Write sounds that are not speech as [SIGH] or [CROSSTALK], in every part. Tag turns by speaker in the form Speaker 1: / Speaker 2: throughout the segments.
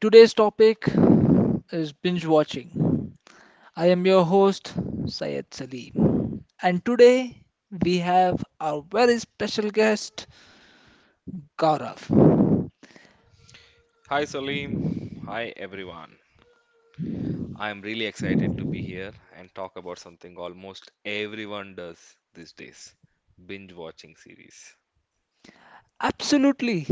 Speaker 1: Today's topic is binge watching. I am your host Syed Salim. And today we have our very special guest Gaurav. Absolutely.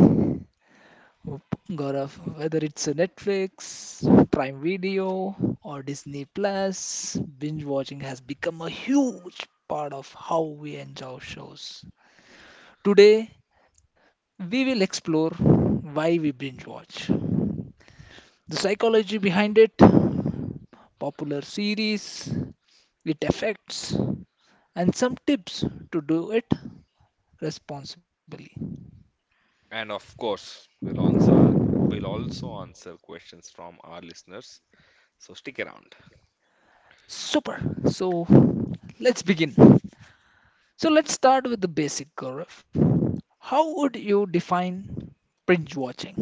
Speaker 1: Gaurav, whether it's a Netflix, Prime Video, or Disney Plus, binge watching has become a huge part of how we enjoy shows. Today, we will explore why we binge watch, the psychology behind it, popular series, it affects, and some tips to do it responsibly. Super! So let's begin. So let's start with the basic, Gaurav. How would you define binge watching?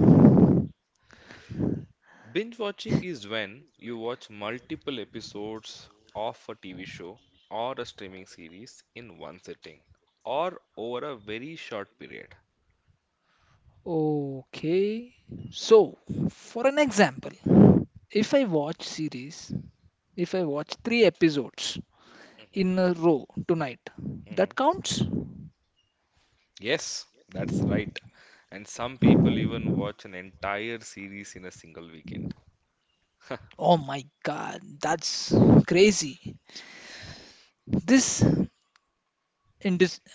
Speaker 1: Okay, so for an example, if I watch series, if I watch three episodes in a row tonight. That counts? Oh my god, that's crazy. This in this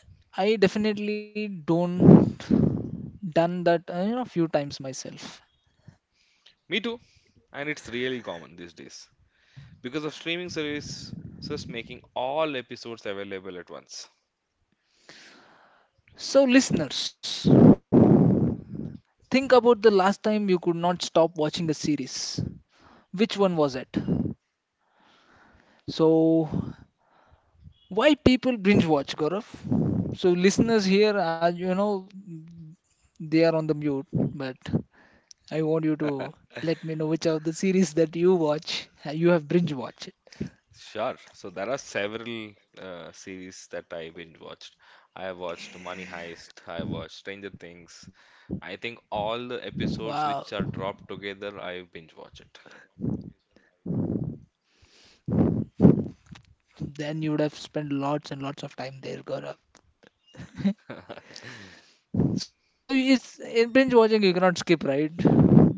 Speaker 1: I definitely don't done that few times myself. So listeners, think about the last time you could not stop watching a series. Which one was it? So why people binge watch, Gaurav? So listeners here are they are on the mute, but I want you to let me know which of the series that you watch, you have binge watched. Wow. Then you would have spent lots and lots of time there, Gaurav. So it's in binge watching you cannot skip, right?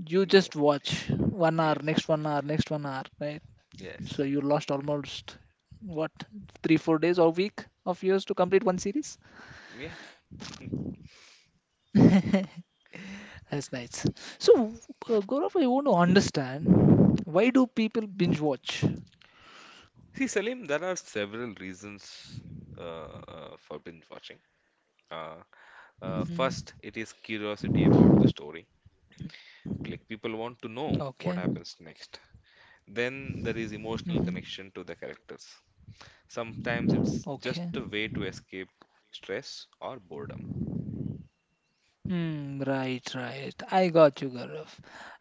Speaker 1: You just watch 1 hour, next 1 hour, next 1 hour, right? So you lost almost what 3, 4 days or week of yours to complete one series. [LAUGHS] That's nice. So Gaurav, I want to understand why do people binge watch? Hmm. Okay. Mm-hmm. Okay. Hmm. Right. Right. I got you, Gaurav.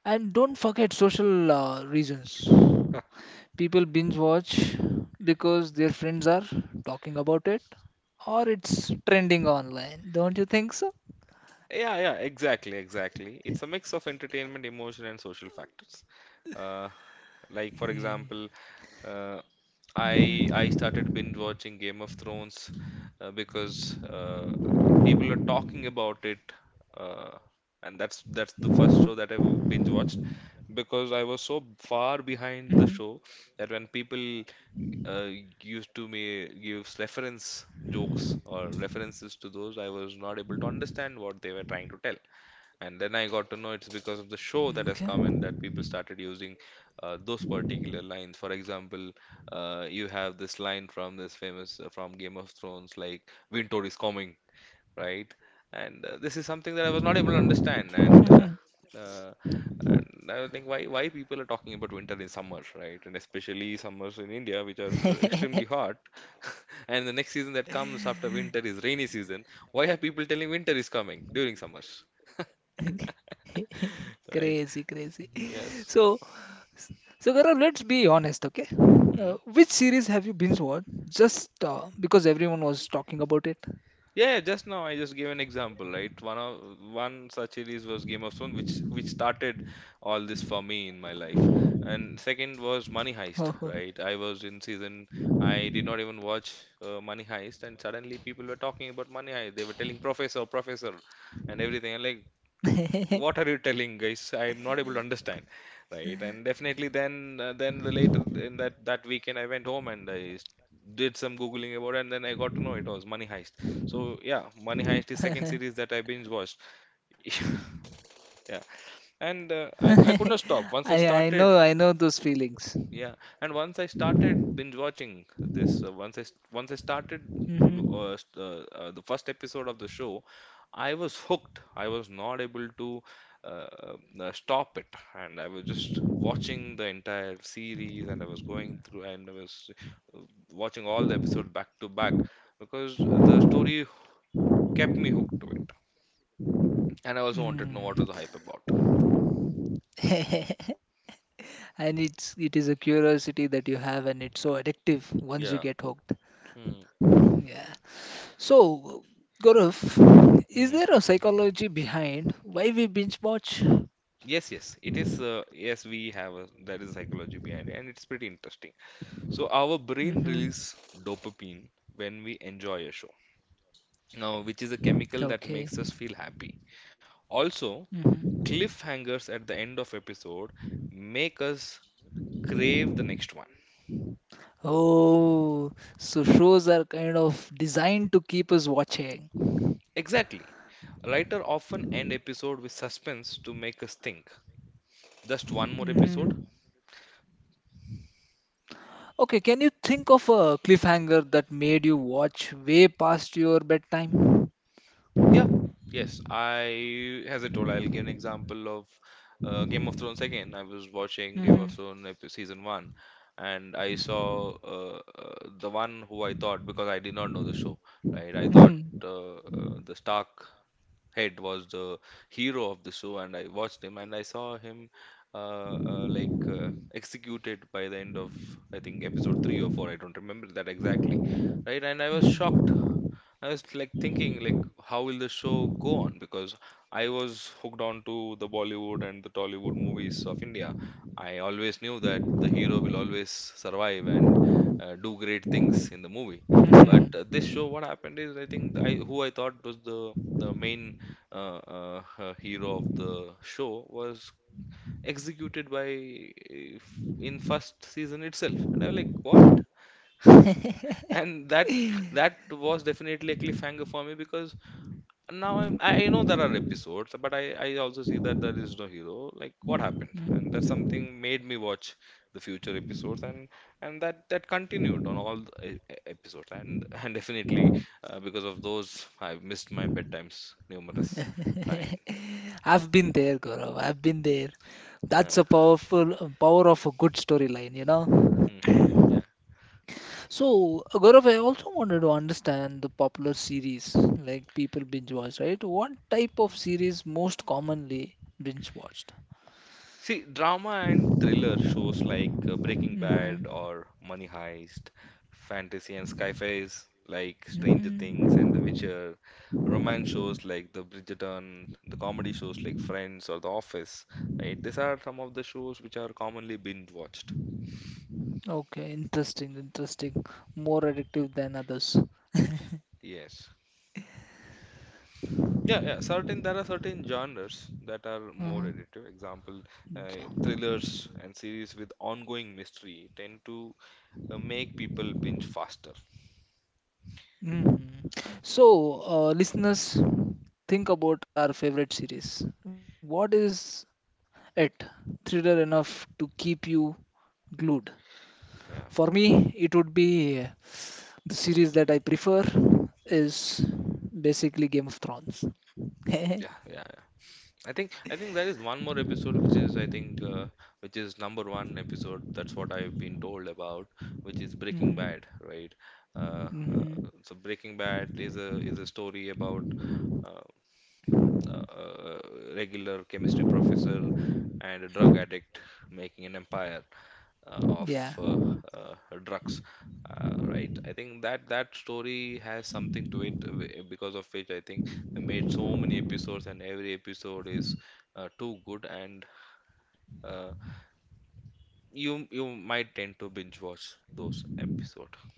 Speaker 1: And don't forget social reasons. People binge watch because their friends are talking about it, or it's trending online. Don't you think so? Mm-hmm. Mm-hmm. Okay. [LAUGHS] Crazy, crazy. So, so, Gaurav, let's be honest, okay? Which series have you binge watched just because everyone was talking about it? [LAUGHS] Oh. [LAUGHS] [LAUGHS] I know I know those feelings. Hmm. Mm. [LAUGHS] and it is a curiosity that you have, and it's so addictive once you get hooked. Yeah. So, Gaurav, is there a psychology behind why we binge watch? Mm-hmm. Okay. Mm-hmm. Oh, so shows are kind of designed to keep us watching. Mm-hmm. Okay, can you think of a cliffhanger that made you watch way past your bedtime? Hmm. Hmm. Hmm. [LAUGHS] I've been there, Gaurav. I've been there. That's a powerful power of a good storyline. So, Gaurav, I also wanted to understand the popular series like people binge watch, right? What type of series most commonly binge watched? Hmm. Hmm. Okay, interesting, interesting. More addictive than others. Uh, yeah. Mhm. So, listeners, think about our favorite series. What is it? Thriller enough to keep you glued. For me, it would be the series that I prefer is basically Game of Thrones. [LAUGHS] Mhm. Mhm. Yeah.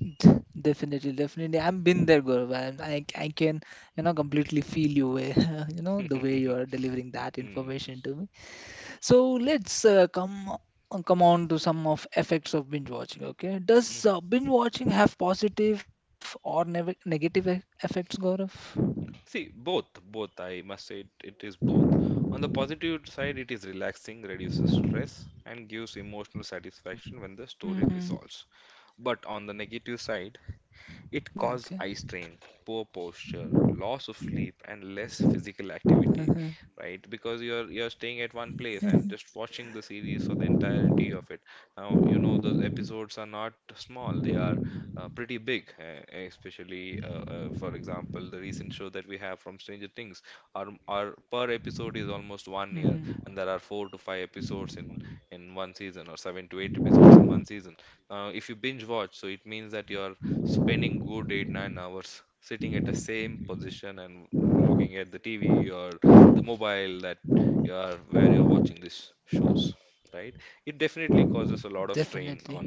Speaker 1: [LAUGHS] Definitely, definitely. I've been there, Gaurav, and I can, completely feel you way, [LAUGHS] the way you are delivering that information to me. So let's come on to some of effects of binge watching. Okay, does binge watching have positive or negative effects, Gaurav? Mm-hmm. Okay. [LAUGHS] hmm. Definitely.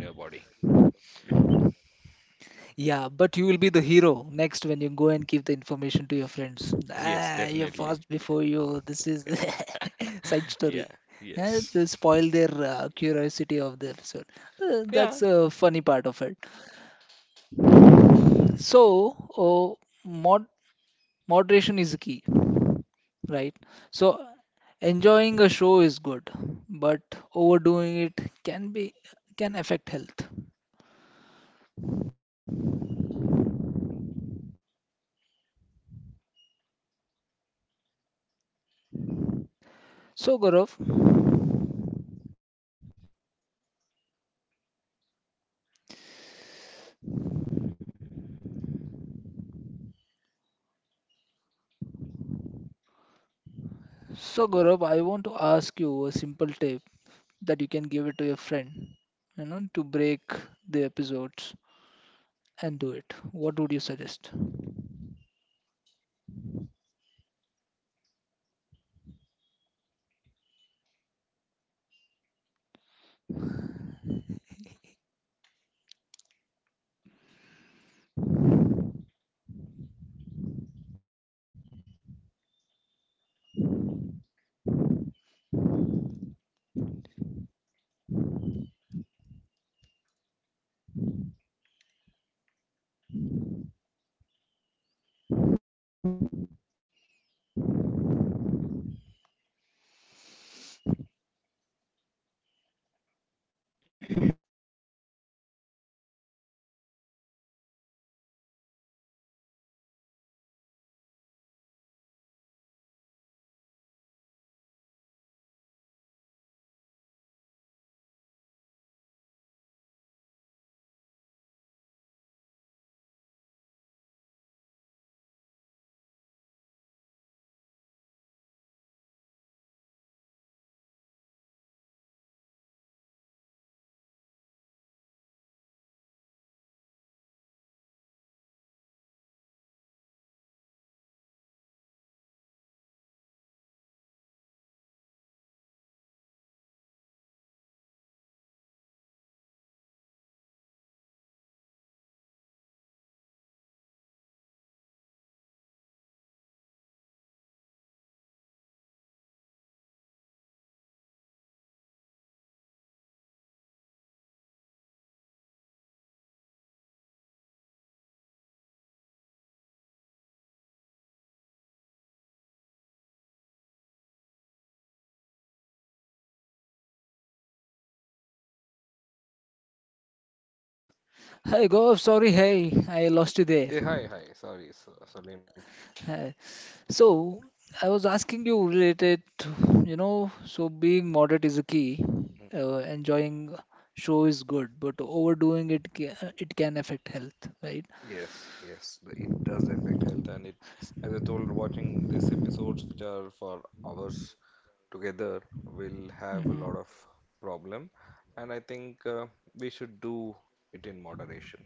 Speaker 1: Yeah, but you will be the hero next when you go and give the information to your friends. Ah, you boss before you. This is the [LAUGHS] side story. To spoil their curiosity of the episode. That's a funny part of it. So, mod moderation is key, right? So, enjoying a show is good, but overdoing it can affect health. So, Gaurav, so, Gaurav, I want to ask you a simple tip that you can give it to your friend, to break the episodes and do it. What would you suggest? Hey, Gaurav, sorry, hey, I
Speaker 2: Yeah,
Speaker 1: lost you
Speaker 2: hi,
Speaker 1: there.
Speaker 2: hi. Sorry, Salim.
Speaker 1: Hey. So, I was asking you related, so being moderate is a
Speaker 2: Mhm.
Speaker 1: key. Enjoying show is good, but overdoing it it can affect health, right?
Speaker 2: Yes, yes, it does affect health, and it, as I told, watching these episodes, which are for hours together, will have a lot of
Speaker 1: Hmm.
Speaker 2: problem, and I think we should do it in moderation.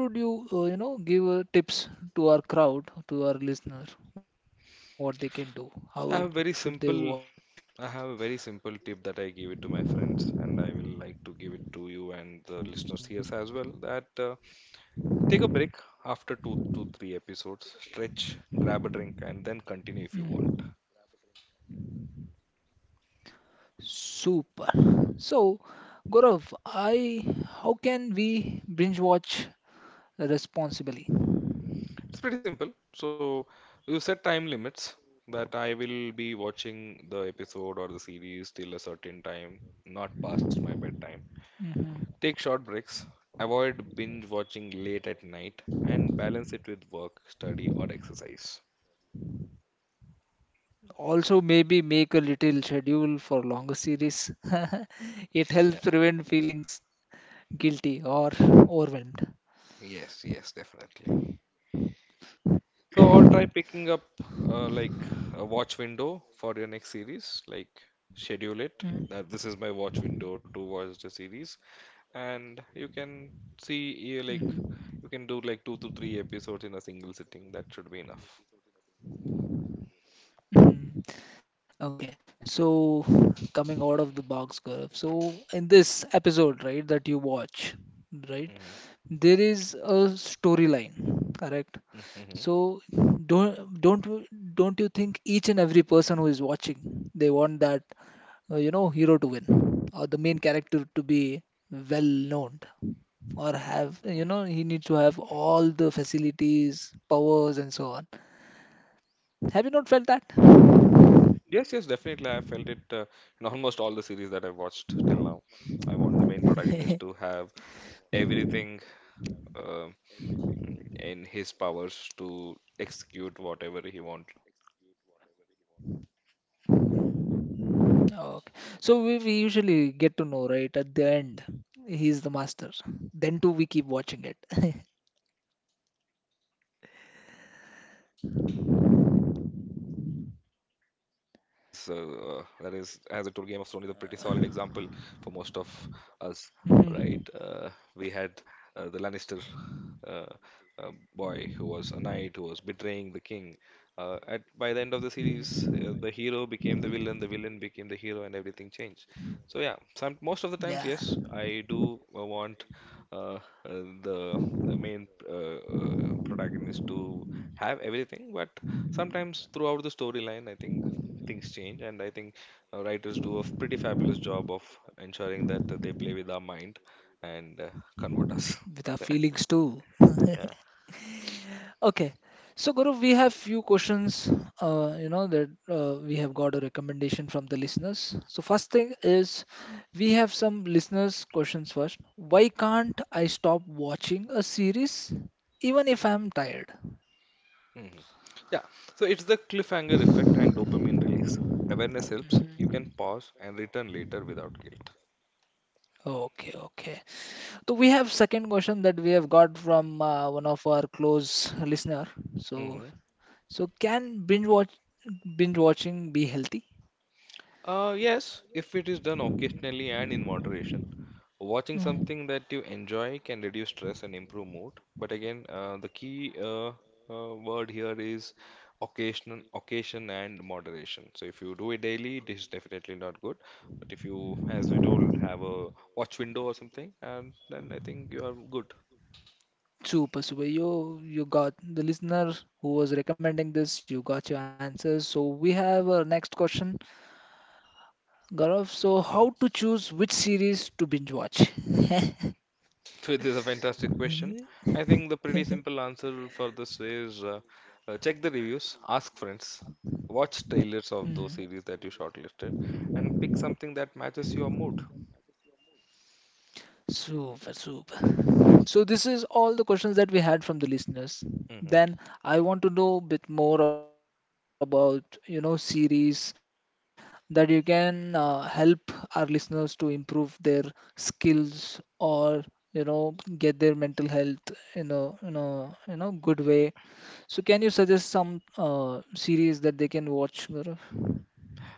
Speaker 1: Okay, what would you, give tips to our crowd, to our listener, what they can do,
Speaker 2: So I have
Speaker 1: how
Speaker 2: very
Speaker 1: should they
Speaker 2: simple
Speaker 1: watch?
Speaker 2: I have a very simple tip that I give it to my friends and I will like to give it to you and the listeners here as well that take a break after two to three episodes, stretch, grab a drink and then continue if you want.
Speaker 1: Mm. Super. So, Gaurav, how can we binge watch responsibly?
Speaker 2: It's pretty simple. So you set time limits that I will be watching the episode or the series till a certain time, not past my bedtime.
Speaker 1: Hmm.
Speaker 2: Take short breaks, avoid binge watching late at night, and balance it with work, study, or exercise.
Speaker 1: Also, maybe make a little schedule for longer series. [LAUGHS] It helps
Speaker 2: Yeah,
Speaker 1: prevent feelings guilty or overwhelmed.
Speaker 2: yes, yes, definitely. So, or try picking up like a watch window for your next series, like schedule it. That this is my watch window to watch the series, and
Speaker 1: Mm-hmm.
Speaker 2: you can do like two to three episodes in a single sitting. That should be enough.
Speaker 1: Mhm. Okay, so coming out of the box, Gaurav. So in this episode, right, that you watch, right, there is a storyline, correct?
Speaker 2: Hmm.
Speaker 1: So
Speaker 2: [LAUGHS]
Speaker 1: don't don't you- don't you think each and every person who is watching, they want that hero to win or the main character to be well known or have he needs to have all the facilities, powers, and so on. Have you not felt that?
Speaker 2: Yes, yes, definitely. I felt it in almost all the series that I've watched till now. I want the main protagonist to have everything uh, in his powers to execute whatever he wanted to execute throughout the series. But somewhere it
Speaker 1: Okay.
Speaker 2: is it
Speaker 1: So we,
Speaker 2: is
Speaker 1: we
Speaker 2: not
Speaker 1: usually
Speaker 2: 100%
Speaker 1: get to
Speaker 2: true
Speaker 1: know,
Speaker 2: as well,
Speaker 1: right, at the
Speaker 2: right?
Speaker 1: end,
Speaker 2: Sometimes
Speaker 1: he's the master.
Speaker 2: even the villains
Speaker 1: Then too, we keep
Speaker 2: tend
Speaker 1: watching it.
Speaker 2: to
Speaker 1: [LAUGHS]
Speaker 2: have change. For example, that is that is uh, uh, that is, as I told, Game of Thrones is a pretty solid example for most of us, right? We had
Speaker 1: Mhm.
Speaker 2: the Lannister uh, uh, boy who was a knight who was betraying the king, at by the end of the series, the
Speaker 1: Mhm.
Speaker 2: hero became the villain became the hero, and everything changed. So yeah, some most of the times,
Speaker 1: Yeah,
Speaker 2: yes, I do want uh, uh, the the main protagonist to have everything, but sometimes throughout the storyline, I think things change, and I think writers do a pretty fabulous job of ensuring that they play with our mind and convert us.
Speaker 1: with our
Speaker 2: [LAUGHS]
Speaker 1: feelings too.
Speaker 2: Yeah.
Speaker 1: Okay. So Guru, we have few questions, that we have got a recommendation from the listeners. So first thing is, we have some listeners' questions first. Why can't I stop watching a series even if I'm tired?
Speaker 2: Mhm. Yeah, so it's the cliffhanger effect and dopamine release. Awareness helps. You can pause and return later without guilt.
Speaker 1: Okay, okay. So we have second question that we have got from one of our close listener. So
Speaker 2: Hmm.
Speaker 1: so, can binge watching be healthy?
Speaker 2: Yes, if it is done occasionally and in moderation. Watching
Speaker 1: Mm.
Speaker 2: something that you enjoy can reduce stress and improve mood. But again, the key word here is occasion and moderation. So if you do it daily, this is definitely not good. But if you, as we told, have a watch window or something, and then I think you are good.
Speaker 1: Super, super. You got the listener who was recommending this. You got your answers. So we have our next question, Gaurav. So how to choose which series to binge watch?
Speaker 2: Which is a fantastic question. I think the pretty simple answer for this is check the reviews, ask friends, watch trailers
Speaker 1: Hmm.
Speaker 2: of those series that you shortlisted, and pick something that matches your mood.
Speaker 1: Super, super. So this is all the questions that we had from the
Speaker 2: Mm-hmm.
Speaker 1: listeners. Then I want to know a bit more about, series that you can help our listeners to improve their skills or, get their mental health in a, good way. So can you suggest some series that they can watch? Gaurav?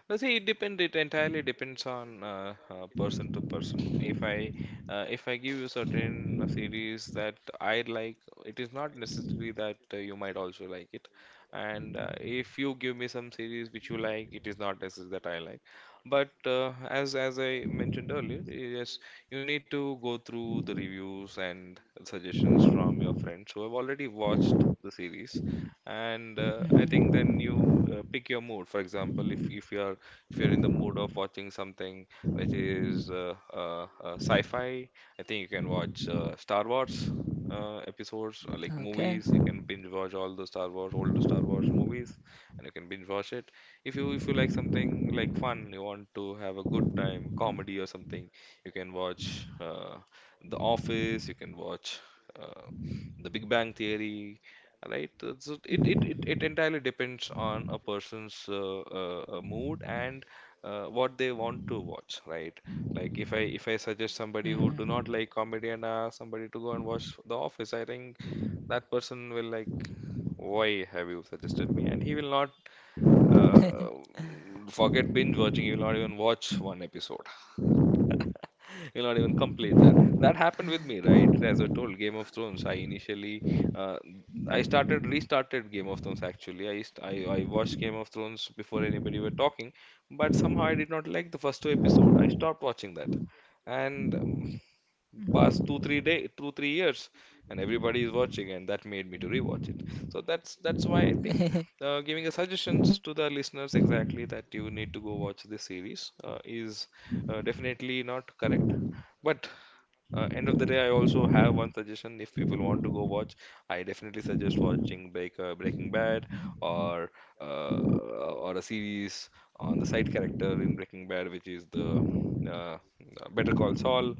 Speaker 2: Well, see, It entirely depends on person to person. If I give you certain series that I like, it is not necessary that you might also like it. And if you give me some series which you like, it is not necessary that I like. But as I mentioned earlier, yes, you need to go through the reviews and suggestions from your friends who have already watched the series. And I think
Speaker 1: Mhm.
Speaker 2: then you pick your mood. For example, if you're in the mood of watching something which is sci-fi, I think you can watch Star Wars episodes, like
Speaker 1: Okay.
Speaker 2: movies. You can binge watch all the Star Wars, old Star Wars movies, and you can binge watch it. If you like something like fun, you want to have a good time, comedy or something, you can watch The Office. You can watch uh, The Big Bang Theory, right? So it it it,
Speaker 1: Mm-hmm.
Speaker 2: it entirely depends on a person's mood and what they want to watch, right? Like if I suggest
Speaker 1: Hmm.
Speaker 2: somebody who do not like comedy and ask somebody to go and watch The Office, I think that person will like, why have you suggested me? And he will not
Speaker 1: [LAUGHS]
Speaker 2: forget binge watching. He will not even watch one episode. [LAUGHS] [LAUGHS] You'll not even complete that. That happened with me, right? As I told, Game of Thrones. Uh, I started restarted Game of Thrones actually. I, used, I watched Game of Thrones before anybody were talking, but somehow I did not like the first two episode. I stopped watching that, and past 2 3 years, and everybody is watching, and that made me to rewatch it. So that's why I think giving a suggestions to the listeners exactly that you need to go watch this series is definitely not correct, but end of the day, I also have one suggestion. If people want to go watch, I definitely suggest watching Breaking Bad, or uh, a series on the side character in Breaking Bad, which is the uh, Better Call Saul.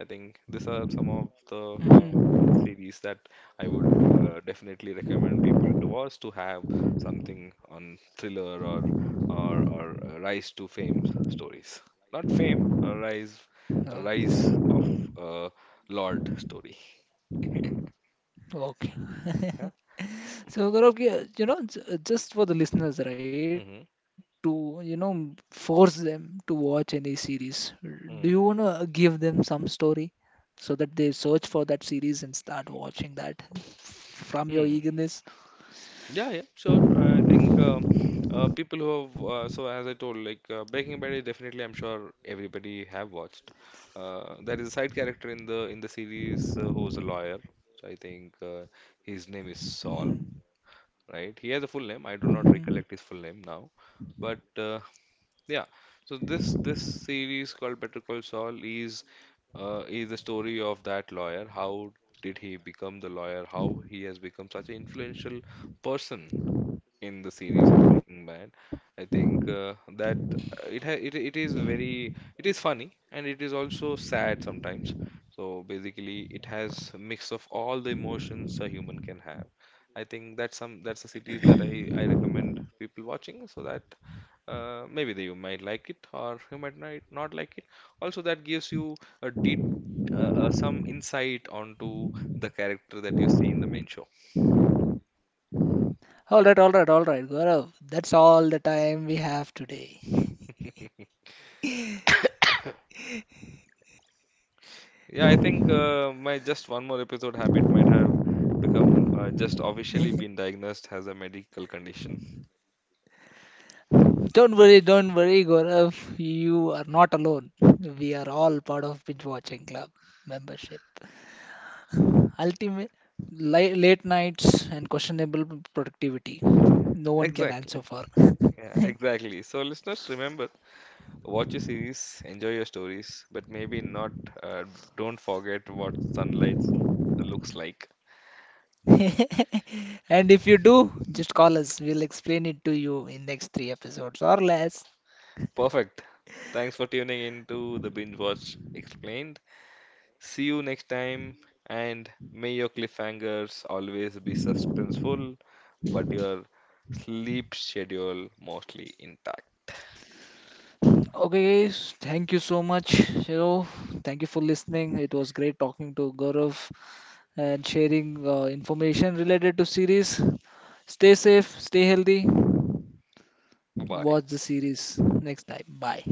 Speaker 2: I think these are some of the
Speaker 1: Mhm.
Speaker 2: series that I would definitely recommend people to watch to have something on thriller, or rise to fame stories. Not fame, rise
Speaker 1: Oh,
Speaker 2: Rise of uh, Lord story.
Speaker 1: okay.
Speaker 2: Yeah.
Speaker 1: So, Gaurav, yeah, just for the listeners,
Speaker 2: Mm-hmm.
Speaker 1: right, to, force them to watch any series, do you want
Speaker 2: Mm-hmm.
Speaker 1: to give them some story so that they search for that series and start watching that from your
Speaker 2: Hmm.
Speaker 1: eagerness?
Speaker 2: Yeah, yeah, sure. I think people who have so as I told, like Breaking Bad is definitely, I'm sure everybody have watched. There is a side character in the series who's a lawyer. So I think his name is Saul, right? He has a full name. I do not
Speaker 1: Mhm.
Speaker 2: recollect his full name now, but yeah. So this series called Better Call Saul is the story of that lawyer. How did he become the lawyer? How he has become such an influential person in the series of Breaking Bad. I think that uh, it ha it it is very it is funny, and it is also sad sometimes. So basically, it has a mix of all the emotions a human can have. I think that's the cities that I recommend people watching, so that maybe you might like it, or you might not like it. Also, that gives you a deep uh, some insight onto the character that you see in the main show.
Speaker 1: All right, all right, all right, Gaurav. That's all the time we have today.
Speaker 2: Yeah, I think my just one more episode habit might have become just officially been diagnosed as a medical condition.
Speaker 1: Don't worry, Gaurav. You are not alone. We are all part of Binge Watching Club membership. Ultimate late nights and questionable productivity. No one can
Speaker 2: Exactly.
Speaker 1: answer for. [LAUGHS]
Speaker 2: Yeah, [LAUGHS] exactly. So, listeners, remember, watch your series, enjoy your stories, but maybe not. Uh, don't forget what sunlight looks like.
Speaker 1: And if you do, just call us. We'll explain it to you in next three episodes or less.
Speaker 2: Perfect. Thanks for tuning in to the Binge Watch Explained. See you next time, and may your cliffhangers always be suspenseful, but your sleep schedule mostly intact.
Speaker 1: Okay, guys, thank you so much. You know, thank you for listening. It was great talking to Gaurav and sharing information related to series. Stay safe, stay healthy.
Speaker 2: Bye bye.
Speaker 1: Watch the series next time. Bye.